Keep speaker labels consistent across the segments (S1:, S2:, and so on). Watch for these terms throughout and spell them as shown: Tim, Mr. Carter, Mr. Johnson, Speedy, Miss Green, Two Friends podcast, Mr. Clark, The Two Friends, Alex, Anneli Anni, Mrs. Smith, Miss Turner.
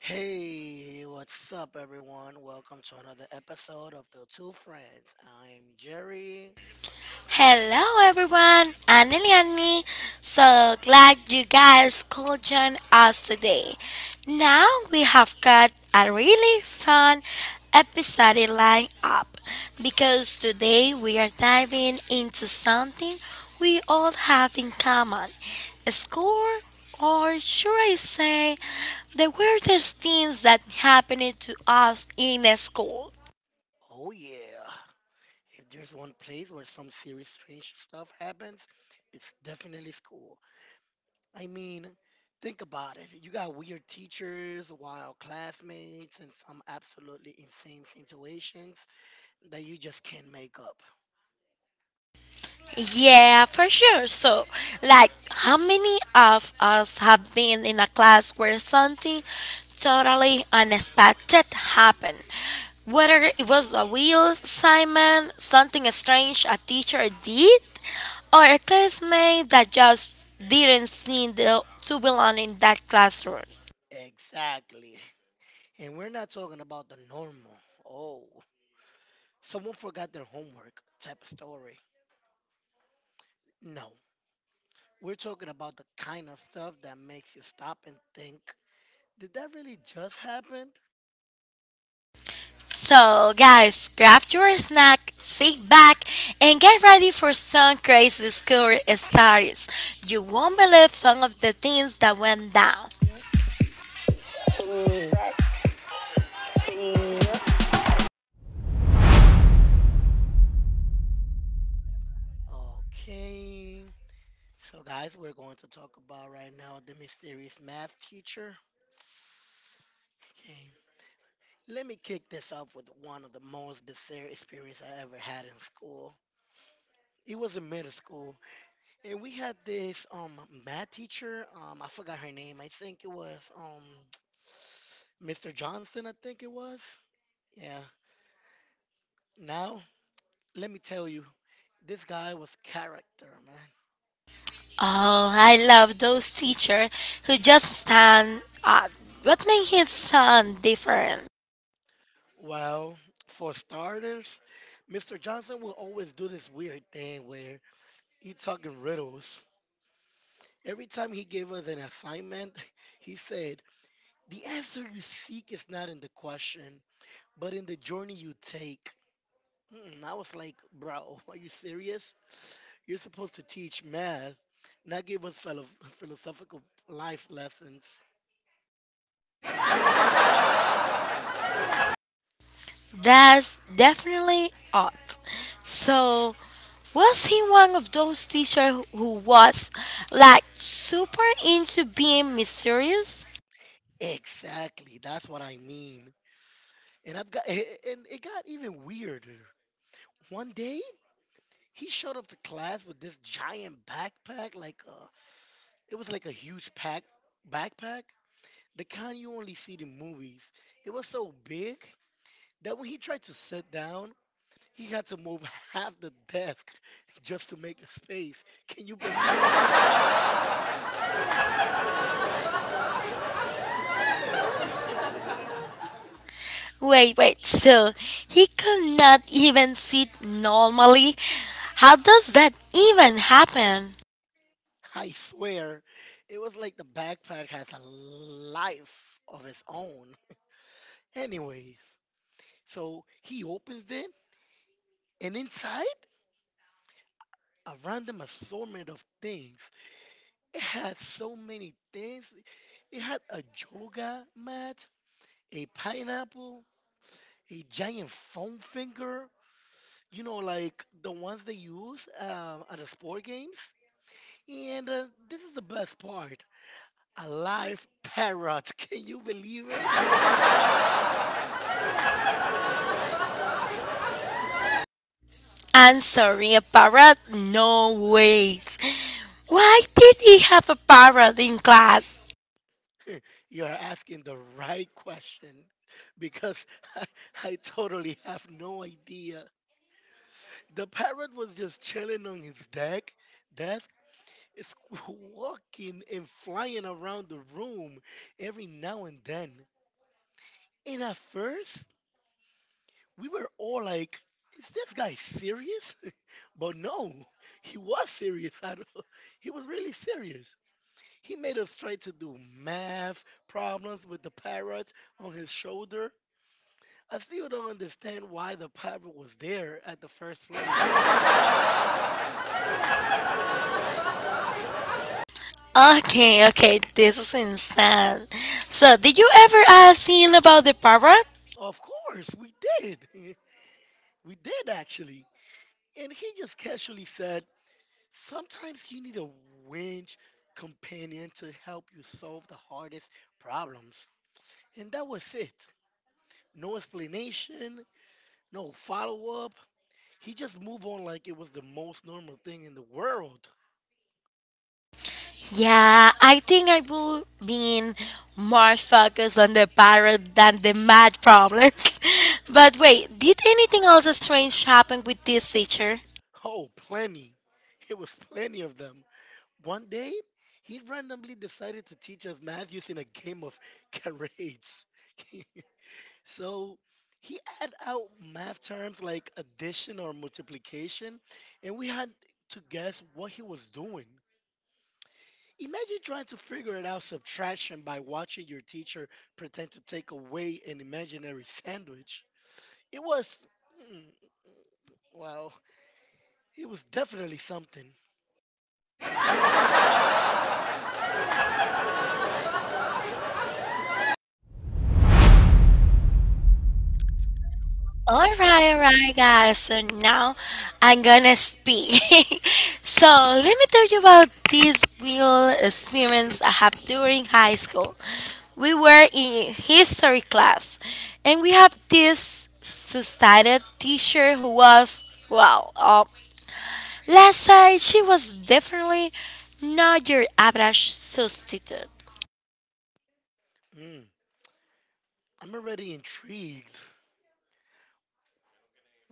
S1: Hey, what's up, everyone? Welcome to another episode of The Two Friends. I'm Jerry.
S2: Hello everyone, Anneli Anni. So glad you guys could join us today. Now we have got a really fun episode lined up because today we are diving into something we all have in common. A score, or should I say the weirdest things that happened to us in school.
S1: Oh, yeah. If there's one place where some serious strange stuff happens, it's definitely school. I mean, think about it. You got weird teachers, wild classmates, and some absolutely insane situations that you just can't make up.
S2: Yeah, for sure. So, like, how many of us have been in a class where something totally unexpected happened? Whether it was a real assignment, something strange a teacher did, or a classmate that just didn't seem to belong in that classroom.
S1: Exactly. And we're not talking about the normal. Oh, someone forgot their homework type of story. No, we're talking about the kind of stuff that makes you stop and think, did that really just happen?
S2: So, guys, grab your snack, sit back, and get ready for some crazy school stories. You won't believe some of the things that went down.
S1: Okay. So, guys, we're going to talk about right now the mysterious math teacher. Okay. Let me kick this off with one of the most bizarre experience I ever had in school. It was in middle school, and we had this math teacher. I forgot her name. I think it was Mr. Johnson. I think it was. Yeah. Now, let me tell you, this guy was character, man.
S2: Oh, I love those teachers who just stand up. What makes his sound different?
S1: Well, for starters, Mr. Johnson will always do this weird thing where he talking riddles. Every time he gave us an assignment, he said, "The answer you seek is not in the question, but in the journey you take." Hmm, I was like, "Bro, are you serious? You're supposed to teach math, not give us philosophical life lessons."
S2: That's definitely odd. So, was he one of those teachers who was like super into being mysterious?
S1: Exactly, that's what I mean. And I've got and it got even weirder. One day he showed up to class with this giant backpack, like it was like a huge pack backpack, the kind you only see in movies. It was so big that when he tried to sit down, he had to move half the desk just to make a space. Can you believe that?
S2: Wait, wait, so he cannot even sit normally? How does that even happen?
S1: I swear, it was like the backpack has a life of its own. Anyways, so he opens it, and inside a random assortment of things. It had so many things. It had a yoga mat, a pineapple, a giant foam finger, you know, like the ones they use at the sport games. And this is the best part, a live parrot. Can you believe it?
S2: I'm sorry, a parrot? No, wait. Why did he have a parrot in class?
S1: You're asking the right question because I, I totally have no idea. The parrot was just chilling on his deck desk, is walking and flying around the room every now and then. And at first, we were all like, is this guy serious? But no, he was serious. I don't, he was really serious. He made us try to do math problems with the parrot on his shoulder. I still don't understand why the parrot was there at the first place.
S2: Okay, okay, this is insane. So, did you ever ask him about the parrot?
S1: Of course, we did. We did actually. And he just casually said, sometimes you need a winch companion to help you solve the hardest problems. And that was it. No explanation, no follow up. He just moved on like it was the most normal thing in the world.
S2: Yeah, I think I will be more focused on the parrot than the math problems. But wait, did anything else strange happen with this teacher?
S1: Oh, plenty. It was plenty of them. One day, he randomly decided to teach us math using a game of charades. So he had out math terms like addition or multiplication, and we had to guess what he was doing. Imagine trying to figure it out subtraction by watching your teacher pretend to take away an imaginary sandwich. It was, mm, well, it was definitely something.
S2: All right, guys. So now I'm gonna speak. So let me tell you about this real experience I had during high school. We were in history class, and we have this society teacher who was well. Last night she was definitely not your average substitute.
S1: Mm, I'm already intrigued.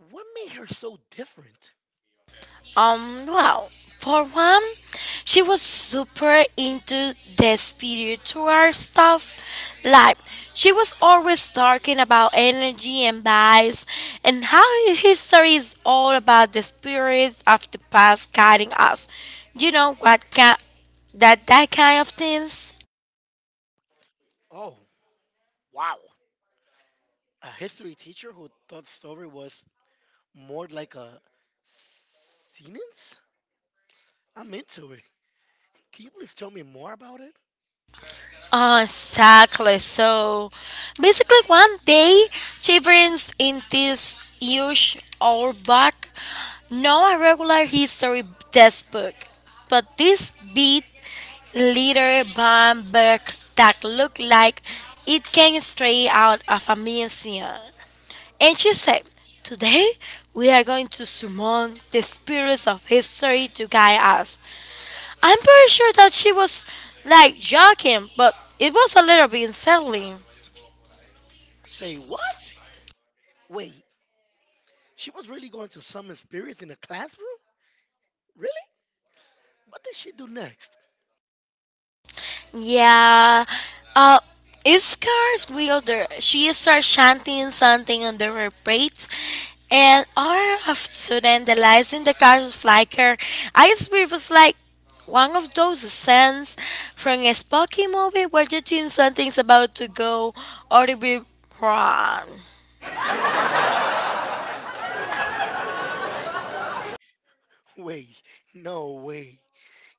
S1: What made her so different?
S2: Well, for one, she was super into the spiritual stuff. Like, she was always talking about energy and vibes and how history is all about the spirits of the past guiding us. You know what kind, that kind of things.
S1: Oh, wow. A history teacher who thought story was more like a sentence? I'm into it. Can you please tell me more about it?
S2: Ah, exactly. So basically, one day, children's in this huge old book, not a regular history textbook, but this big little brown book that looked like it came straight out of a museum. And she said, "Today, we are going to summon the spirits of history to guide us." I'm pretty sure that she was like joking, but it was a little bit unsettling.
S1: Say what? Wait, she was really going to summon spirits in the classroom? Really? What did she do next?
S2: Yeah. Uh, it scares Wilder. She starts chanting something under her breath. And all of a sudden, the lights in the cars flicker. I spirit was like one of those scenes from a spooky movie where you think something's about to go horribly wrong.
S1: No. Wait, no way.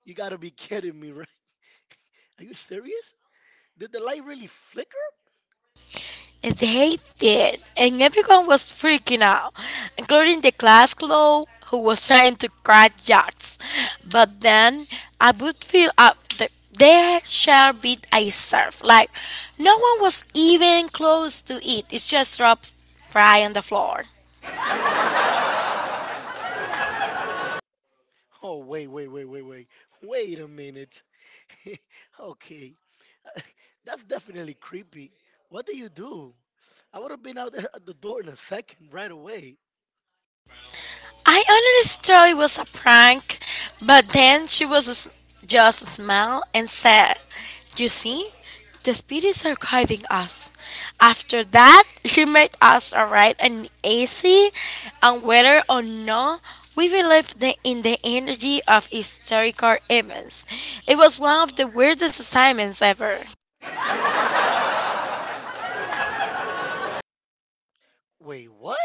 S1: You gotta be kidding me, right? Are you serious? Did the light really flicker?
S2: They did, and everyone was freaking out, including the class clown who was trying to crack jokes. But then I would feel up the there shall be a surf. Like no one was even close to it. It just dropped right on the floor.
S1: Oh, oh, wait a minute. okay, that's definitely creepy. What do you do? I would have been out there at the door in a second, right away.
S2: I honestly thought it was a prank, but then just smiled and said, "You see, the spirits are guiding us." After that, she made us write an essay, and whether or not we in the energy of historical events, it was one of the weirdest assignments ever.
S1: Wait, what?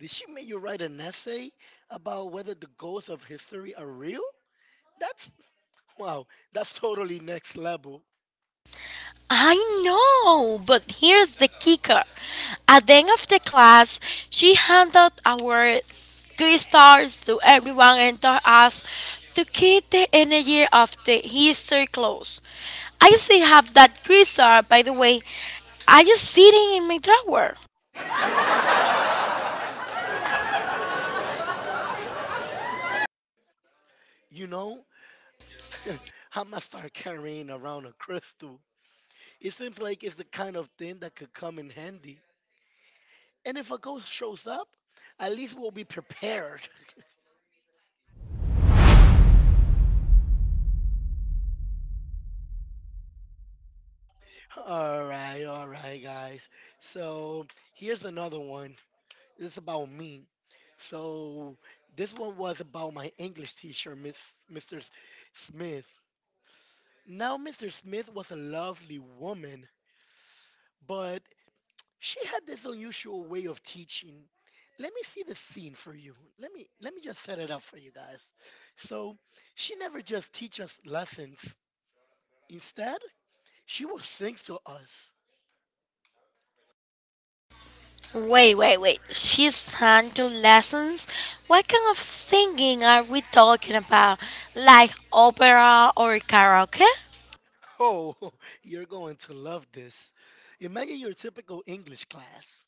S1: Did she make you write an essay about whether the ghosts of history are real? That's wow, that's totally next level.
S2: I know, but here's the kicker. At the end of the class, she handed our three stars to everyone and told us to keep the energy of the history close. I still have that three-star, by the way. I just sitting in my drawer.
S1: You know, I'm gonna start carrying around a crystal. It seems like it's the kind of thing that could come in handy. And if a ghost shows up, at least we'll be prepared. All right, guys. So here's another one. This is about me. So this one was about my English teacher, Miss Mr. Smith. Now, Mr. Smith was a lovely woman, but she had this unusual way of teaching. Let me see the scene for you. Let me just set it up for you guys. So she never just teach us lessons. Instead, she would sing to us.
S2: Wait, wait, wait. She's sang to lessons? What kind of singing are we talking about? Like opera or karaoke?
S1: Oh, you're going to love this. Imagine your typical English class.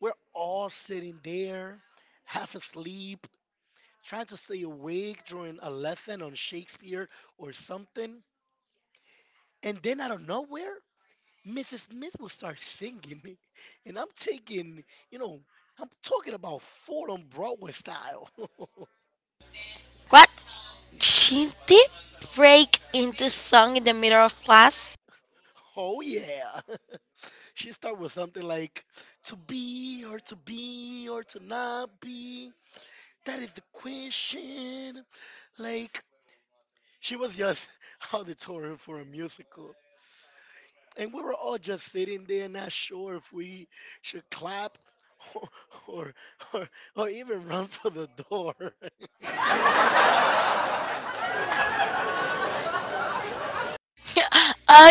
S1: We're all sitting there, half asleep, trying to stay awake during a lesson on Shakespeare or something. And then out of nowhere, Mrs. Smith will start singing. And I'm taking, you know, I'm talking about full on Broadway style.
S2: What? She did break into song in the middle of class?
S1: oh, yeah. she start with something like to be or to be or to not be. That is the question. Like, she was just auditorium for a musical. And we were all just sitting there, not sure if we should clap or, or, or, or even run for the door.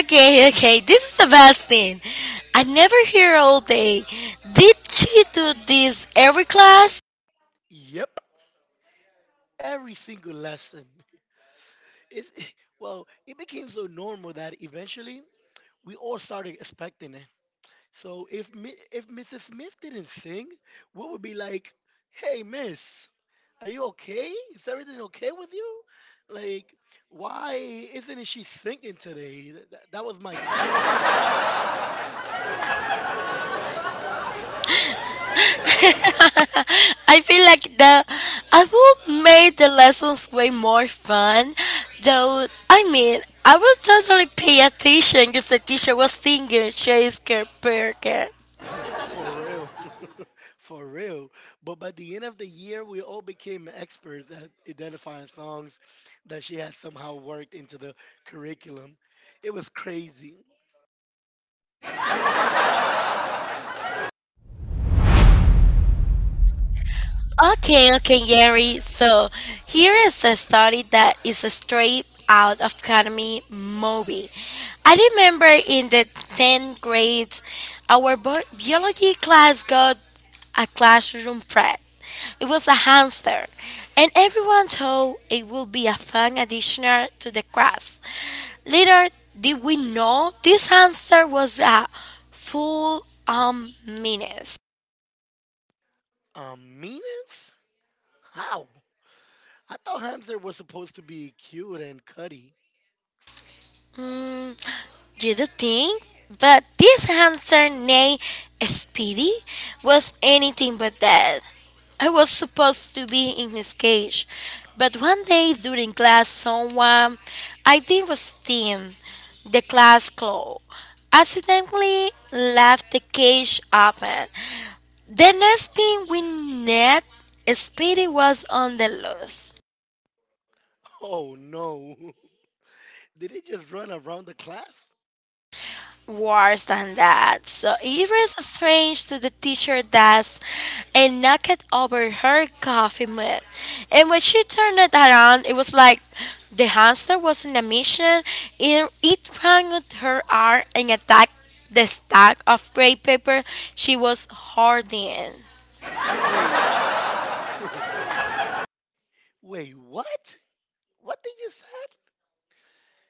S2: Okay, okay, this is the best thing. I never hear all day. Did she do this every class?
S1: Yep. Every single lesson. It's, well, it became so normal that eventually we all started expecting it. So if Mrs. Smith didn't sing, we would be like, "Hey, Miss, are you okay? Is everything okay with you? Like, why isn't she singing today?" That was my question,
S2: I feel like the I would make the lessons way more fun, though. I mean, I would totally pay attention if the teacher was singing Shakespeare. Burger.
S1: for real, for real. But by the end of the year, we all became experts at identifying songs that she had somehow worked into the curriculum. It was crazy.
S2: Okay, okay, Gary. So here is a story that is a straight out of Academy movie. I remember in the 10th grade, our biology class got a classroom pet. It was a hamster, and everyone thought it would be a fun addition to the class. Later, did we know this hamster was a full on menace?
S1: Meanings? How? I thought Hamster was supposed to be cute and cutty.
S2: Mm, you do think? But this handsome nay Speedy was anything but that. I was supposed to be in his cage, but one day during class, someone I think was Tim, the class clown, accidentally left the cage open. The next thing we knew, Speedy was on the loose.
S1: Oh no. Did it just run around the class?
S2: Worse than that. So Iris strange to the teacher desk and knocked over her coffee mug. And when she turned it around, it was like the hamster was in a mission. It ran at her arm and attacked the stack of gray paper she was hoarding.
S1: Wait. wait, what? What did you say?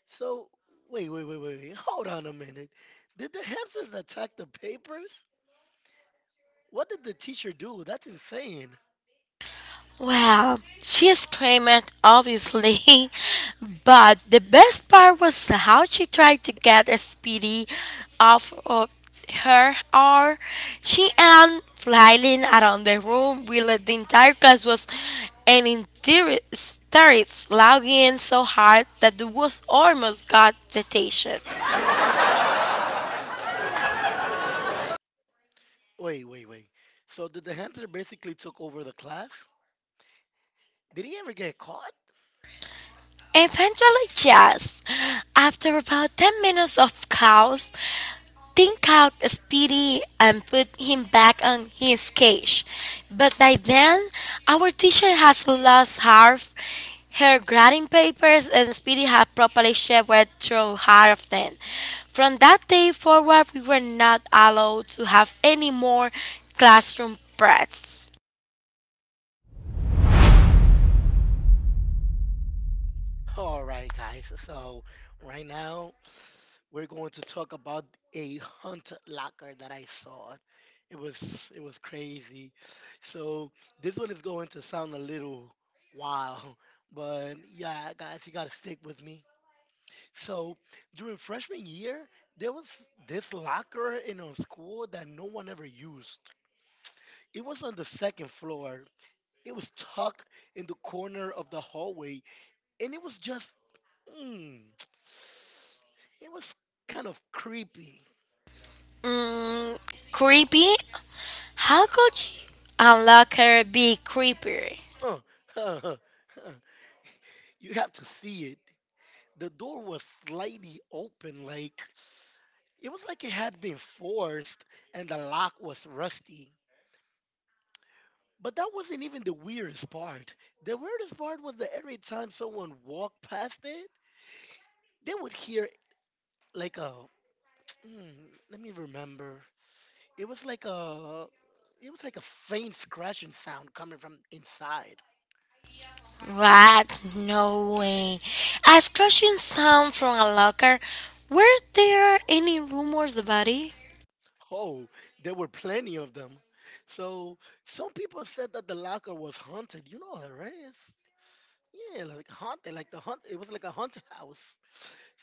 S1: So Hold on a minute. Did the hamsters attack the papers? What did the teacher do? That's insane.
S2: Well, she screamed, obviously, but the best part was how she tried to get Speedy off of her arm. She and flying around the room, while the entire class was in hysterics, laughing so hard that the was almost got detention.
S1: Wait. So did the hamster basically took over the class? Did he ever get caught?
S2: Eventually, yes. After about 10 minutes of chaos, think out Speedy and put him back on his cage. But by then, our teacher has lost half her grading papers and Speedy had properly shivered through half of them. From that day forward, we were not allowed to have any more classroom press.
S1: All right, guys. So right now we're going to talk about a hunt locker that I saw. It was crazy. So this one is going to sound a little wild, but yeah, guys, you gotta stick with me. So during freshman year, there was this locker in our school that no one ever used. It was on the second floor. It was tucked in the corner of the hallway and it was just, mm, it was kind of creepy.
S2: Mm, creepy? How could a locker be creepy?
S1: Huh, huh, huh, huh. You have to see it. The door was slightly open, like it was like it had been forced, and the lock was rusty. But that wasn't even the weirdest part. The weirdest part was that every time someone walked past it, they would hear like a. Let me remember. It was like a. It was like a faint scratching sound coming from inside.
S2: What? No way. A scratching sound from a locker? Were there any rumors about it?
S1: Oh, there were plenty of them. So some people said that the locker was haunted. You know that, right? Yeah, like haunted, like the hunt. It was like a haunted house.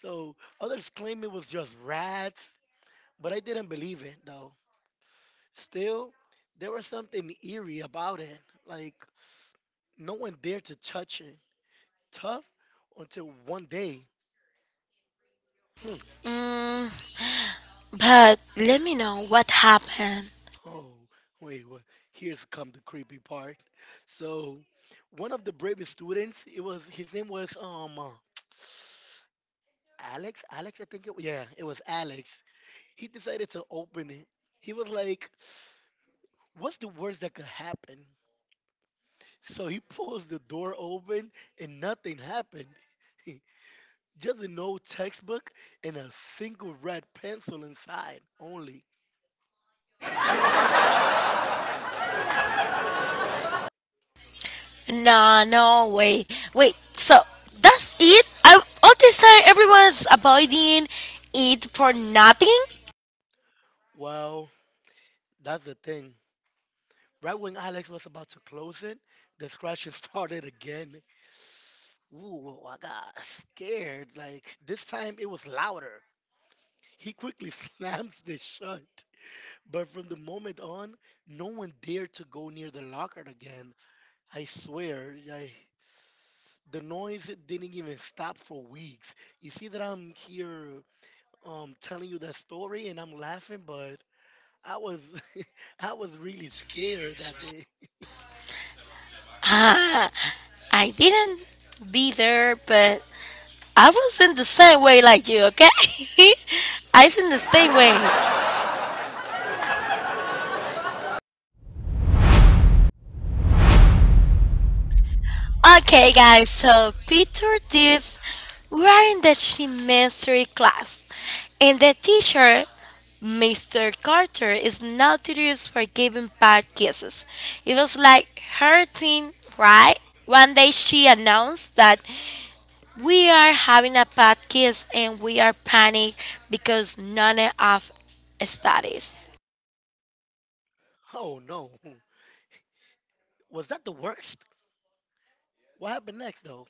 S1: So others claim it was just rats, but I didn't believe it though. Still, there was something eerie about it. Like no one dared to touch it. Tough until one day.
S2: Mm, but let me know what happened.
S1: Oh, wait, wait. Here's come the creepy part. So, one of the bravest students, it was his name was Alex, I think it yeah, it was Alex. He decided to open it. He was like, "What's the worst that could happen?" So he pulls the door open and nothing happened. Just an old textbook and a single red pencil inside only.
S2: No, no way. Wait, so that's it? I, all this time everyone's avoiding it for nothing?
S1: Well, that's the thing. Right when Alex was about to close it, the scratching started again. Ooh, I got scared. Like this time it was louder. He quickly slams this shut. But from the moment on, no one dared to go near the locker again. I swear, the noise didn't even stop for weeks. You see that I'm here telling you that story and I'm laughing, but I was I was really scared that day.
S2: Ah, I didn't be there, but I was in the same way like you, okay? I was in the same way. Okay, guys, so picture this. We're in the chemistry class, and the teacher, Mr. Carter, is notorious for giving bad kisses. It was like her thing, right? One day she announced that we are having a bad kiss and we are panicked because none of studies.
S1: Oh no. Was that the worst? What happened next, though?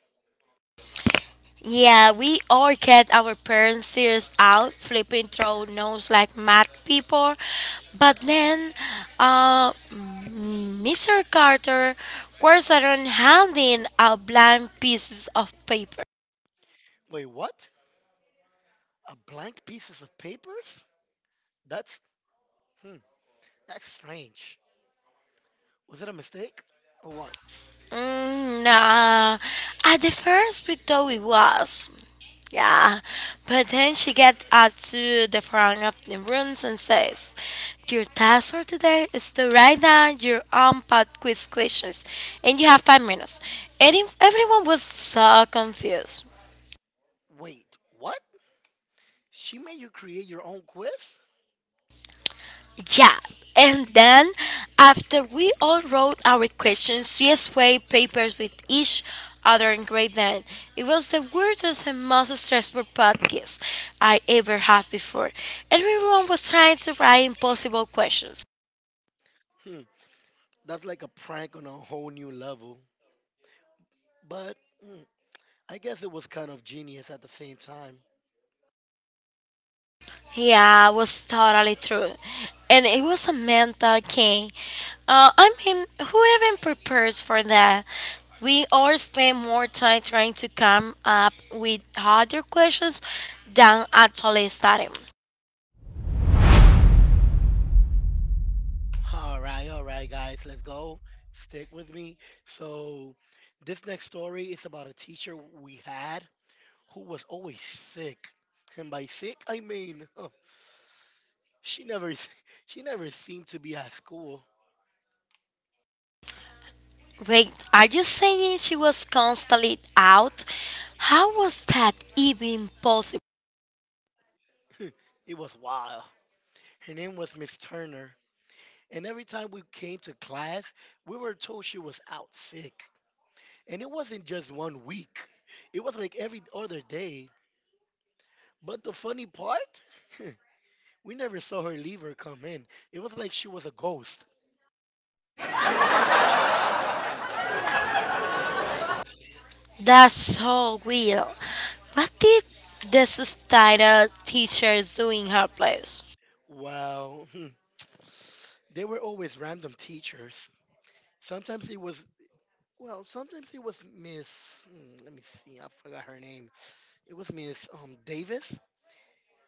S2: Yeah, we all get our parents' ears out, flipping through nose like mad people. But then, Mr. Carter was around handing out blank pieces of paper.
S1: Wait, what? A blank pieces of papers? That's hmm. That's strange. Was it a mistake or what?
S2: Mm, nah. At the first we thought it was. Yeah. But then she gets up to the front of the rooms and says, "Your task for today is to write down your own pod quiz questions and you have 5 minutes." And if- everyone was so confused.
S1: Wait, what? She made you create your own quiz?
S2: Yeah. And then, after we all wrote our questions, CSY papers with each other in grade 9, it was the weirdest and most stressful podcast I ever had before. Everyone was trying to write impossible questions.
S1: Hmm. That's like a prank on a whole new level. But hmm, I guess it was kind of genius at the same time.
S2: Yeah, it was totally true. And it was a mental game. I mean, who even prepares for that? We all spend more time trying to come up with harder questions than actually studying.
S1: All right, guys, let's go. Stick with me. So, this next story is about a teacher we had who was always sick. And by sick, I mean she never s- she never seemed to be at school.
S2: Wait, are you saying she was constantly out? How was that even possible?
S1: It was wild. Her name was Miss Turner. And every time we came to class, we were told she was out sick. And it wasn't just one week. It was like every other day. But the funny part, we never saw her leave or come in. It was like she was a ghost.
S2: That's so weird. What did the subtitle teacher do in her place?
S1: Wow. Hmm. They were always random teachers. Sometimes it was Miss. Let me see. I forgot her name. It was Miss Davis.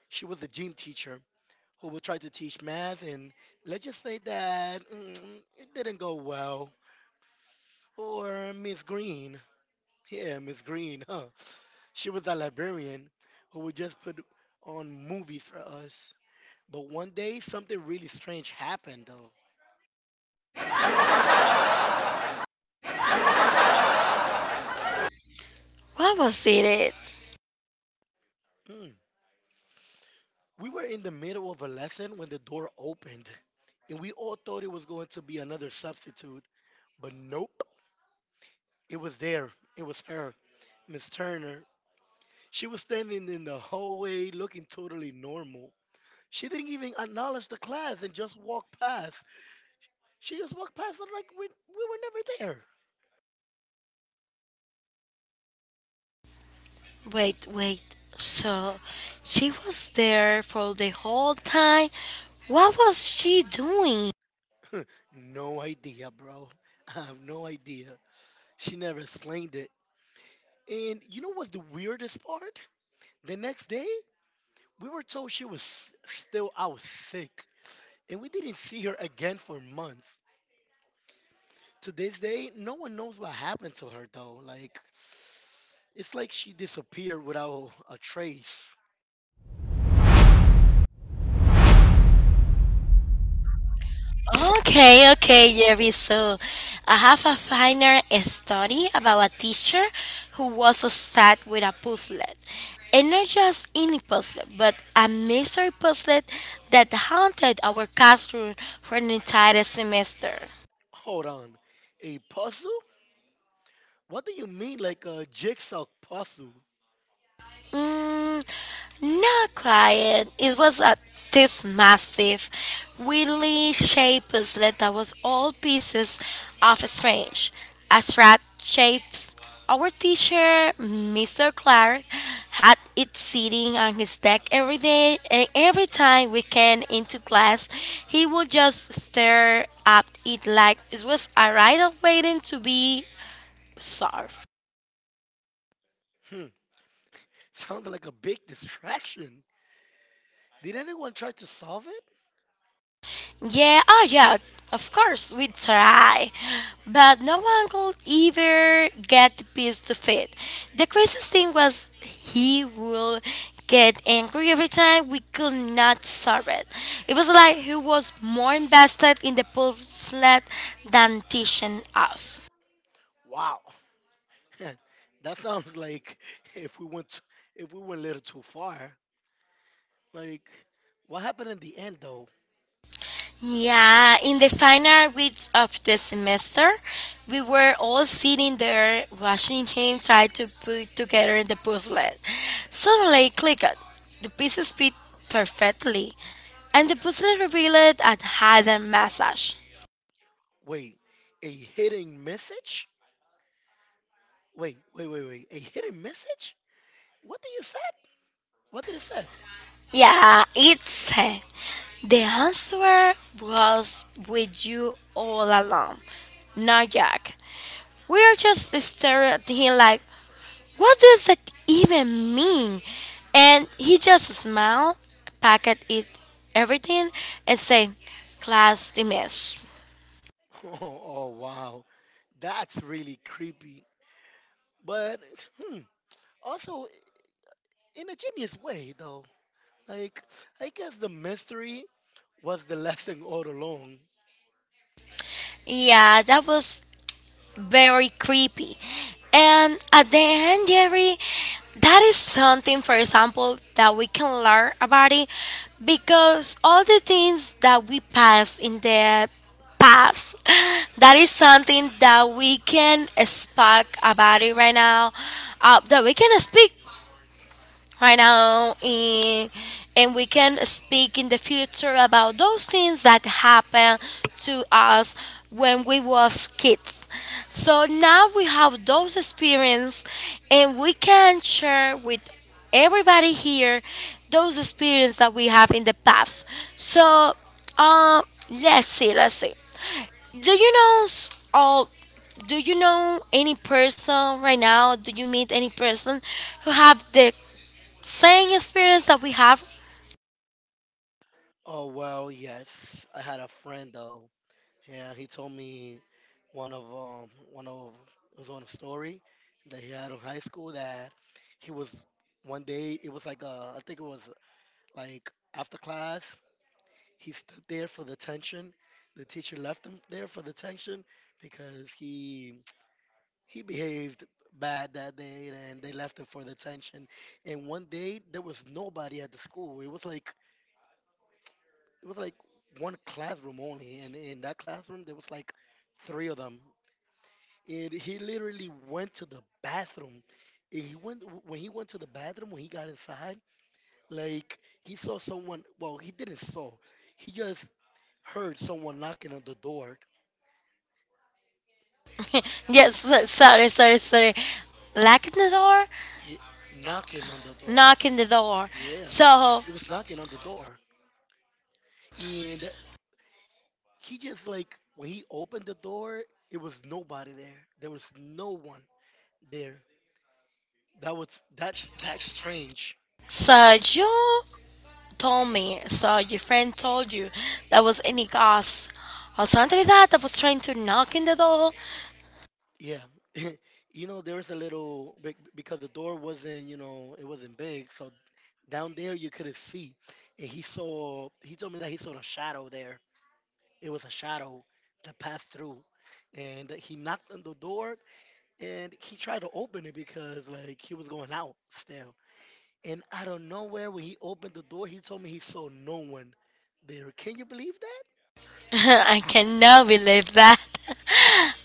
S1: She was a gym teacher who would try to teach math, and let's just say that it didn't go well. Or Miss Green. Yeah, Miss Green. Huh? She was a librarian who would just put on movies for us. But one day, something really strange happened, though.
S2: What was it?
S1: Hmm. We were in the middle of a lesson when the door opened, and we all thought it was going to be another substitute, but nope, it was there. It was her, Miss Turner. She was standing in the hallway looking totally normal. She didn't even acknowledge the class and just walked past. She just walked past us like we were never
S2: Wait, wait. So she was there for the whole time? What was she doing?
S1: there. No idea, bro. I have no idea. She never explained it. And you know what's the weirdest part? The next day, we were told she was still out sick, and we didn't see her again for months. To this day, no one knows what happened to her, though. Like, it's like she disappeared without a trace.
S2: Okay, okay, Jerry. So I have a final story about a teacher who was obsessed with a puzzle. And not just any puzzle, but a mystery puzzle that haunted our classroom for an entire semester.
S1: Hold on. A puzzle? What do you mean, like a jigsaw puzzle?
S2: Mm, not quiet. It was a, this massive, really shaped puzzle that was all pieces of a strange. A strat shapes our teacher, Mr. Clark, had it sitting on his deck every day, and every time we came into class, he would just stare at it like it was a riddle waiting to be solved.
S1: Hmm, sounds like a big distraction. Did anyone try to solve it?
S2: Yeah, oh yeah, of course, we try. But no one could ever get the piece to fit. The craziest thing was he will get angry every time we could not solve it. It was like he was more invested in the puzzle than teaching us.
S1: Wow, that sounds like if we went if we went a little too far. Like, what happened in the end, though?
S2: Yeah, in the final weeks of the semester, we were all sitting there watching him try to put together the puzzle. Suddenly, clicked. The pieces fit perfectly, and the puzzle revealed a hidden message.
S1: Wait, a hidden message? Wait, wait, wait, wait. A hidden message? What did you said? What did it said?
S2: Yeah, it's her. The answer was with you all along. Now, Jack, we are just staring at him like, what does that even mean? And he just smiled, packed it everything, and say, class dismissed.
S1: Oh, oh wow. That's really creepy. But hmm, also in a genius way though. Like, I guess the mystery was the lesson all along.
S2: Yeah, that was very creepy. And at the end, Jerry, that is something, for example, that we can learn about it because all the things that we pass in the past, that is something that we can speak about it right now, that we can speak right now in, and we can speak in the future about those things that happened to us when we was kids. So now we have those experience and we can share with everybody here those experience that we have in the past. So um let's see, do you know s- all do you know any person right now, do you meet any person who have the same experience that we have.
S1: Oh well, yes. I had a friend though. Yeah, he told me one of it was on a story that he had in high school that he was one day it was like I think it was like after class he stood there for the tension. The teacher left him there for the tension because he behaved bad that day and they left him for the tension. And one day there was nobody at the school. It was like one classroom only and in that classroom there was like three of them and he literally went to the bathroom. And he went when he went to the bathroom when he got inside, like he saw someone. Well, he didn't saw. He just heard someone knocking on the door.
S2: Yes, sorry, sorry, sorry. Locking the door,
S1: Ye- knocking on the door.
S2: knocking the door.
S1: Yeah,
S2: So,
S1: it was knocking on the door, and he just like when he opened the door, it was nobody there. There was no one there. That was that's strange.
S2: so you told me, so your friend told you that was any ghost or something like that that was trying to knock in the door.
S1: Yeah. You know, there was a little because the door wasn't, you know, it wasn't big, so down there you couldn't see. And he told me that he saw a shadow there. It was a shadow that passed through. And he knocked on the door and he tried to open it because like he was going out still. And out of nowhere when he opened the door, he told me he saw no one there. Can you believe?
S2: I cannot believe that.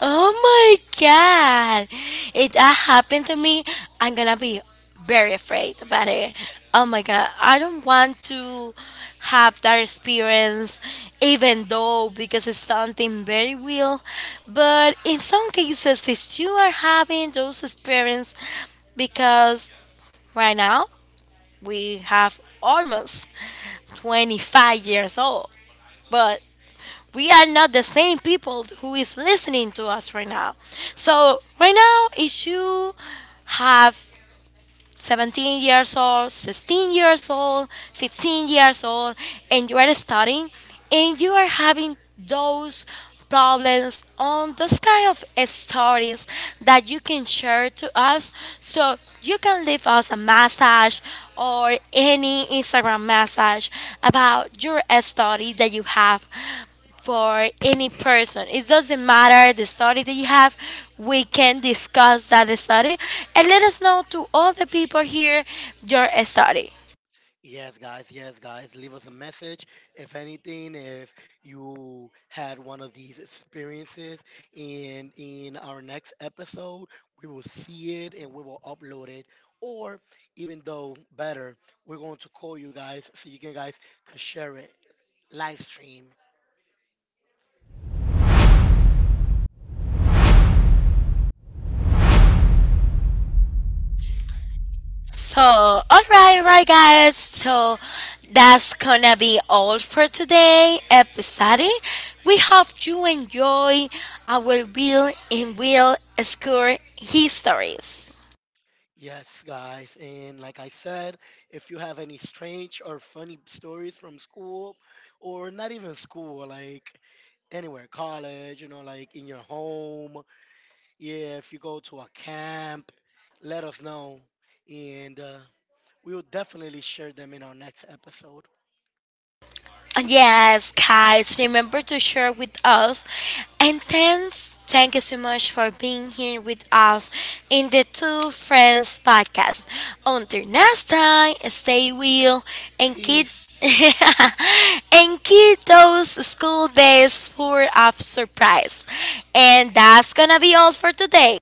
S2: Oh my god. If that happened to me, I'm gonna be very afraid about it. Oh my god. I don't want to have that experience even though because it's something very real. But in some cases if you are having those experience because right now we have almost 25 years old. But we are not the same people who is listening to us right now. So right now, if you have 17 years old, 16 years old, 15 years old, and you are studying, and you are having those problems on those kind of stories that you can share to us so you can leave us a message or any Instagram message about your story that you have for any person. It doesn't matter the study that you have. We can discuss that study and let us know to all the people here your study.
S1: Yes, guys. Yes, guys. Leave us a message. If anything, if you had one of these experiences in our next episode, we will see it and we will upload it. Or even though better, we're going to call you guys so you can guys can share it live stream.
S2: So, all right, guys. So that's gonna be all for today episode. We hope you enjoy our real and real school histories.
S1: Yes, guys. And like I said, if you have any strange or funny stories from school, or not even school, like anywhere, college, you know, like in your home, yeah, if you go to a camp, let us know. And we'll definitely share them in our next episode.
S2: Yes, guys, remember to share with us. And thanks, thank you so much for being here with us in the Two Friends podcast. Until next time, stay real and keep
S1: Peace.
S2: and keep those school days full of surprise. And that's gonna be all for today.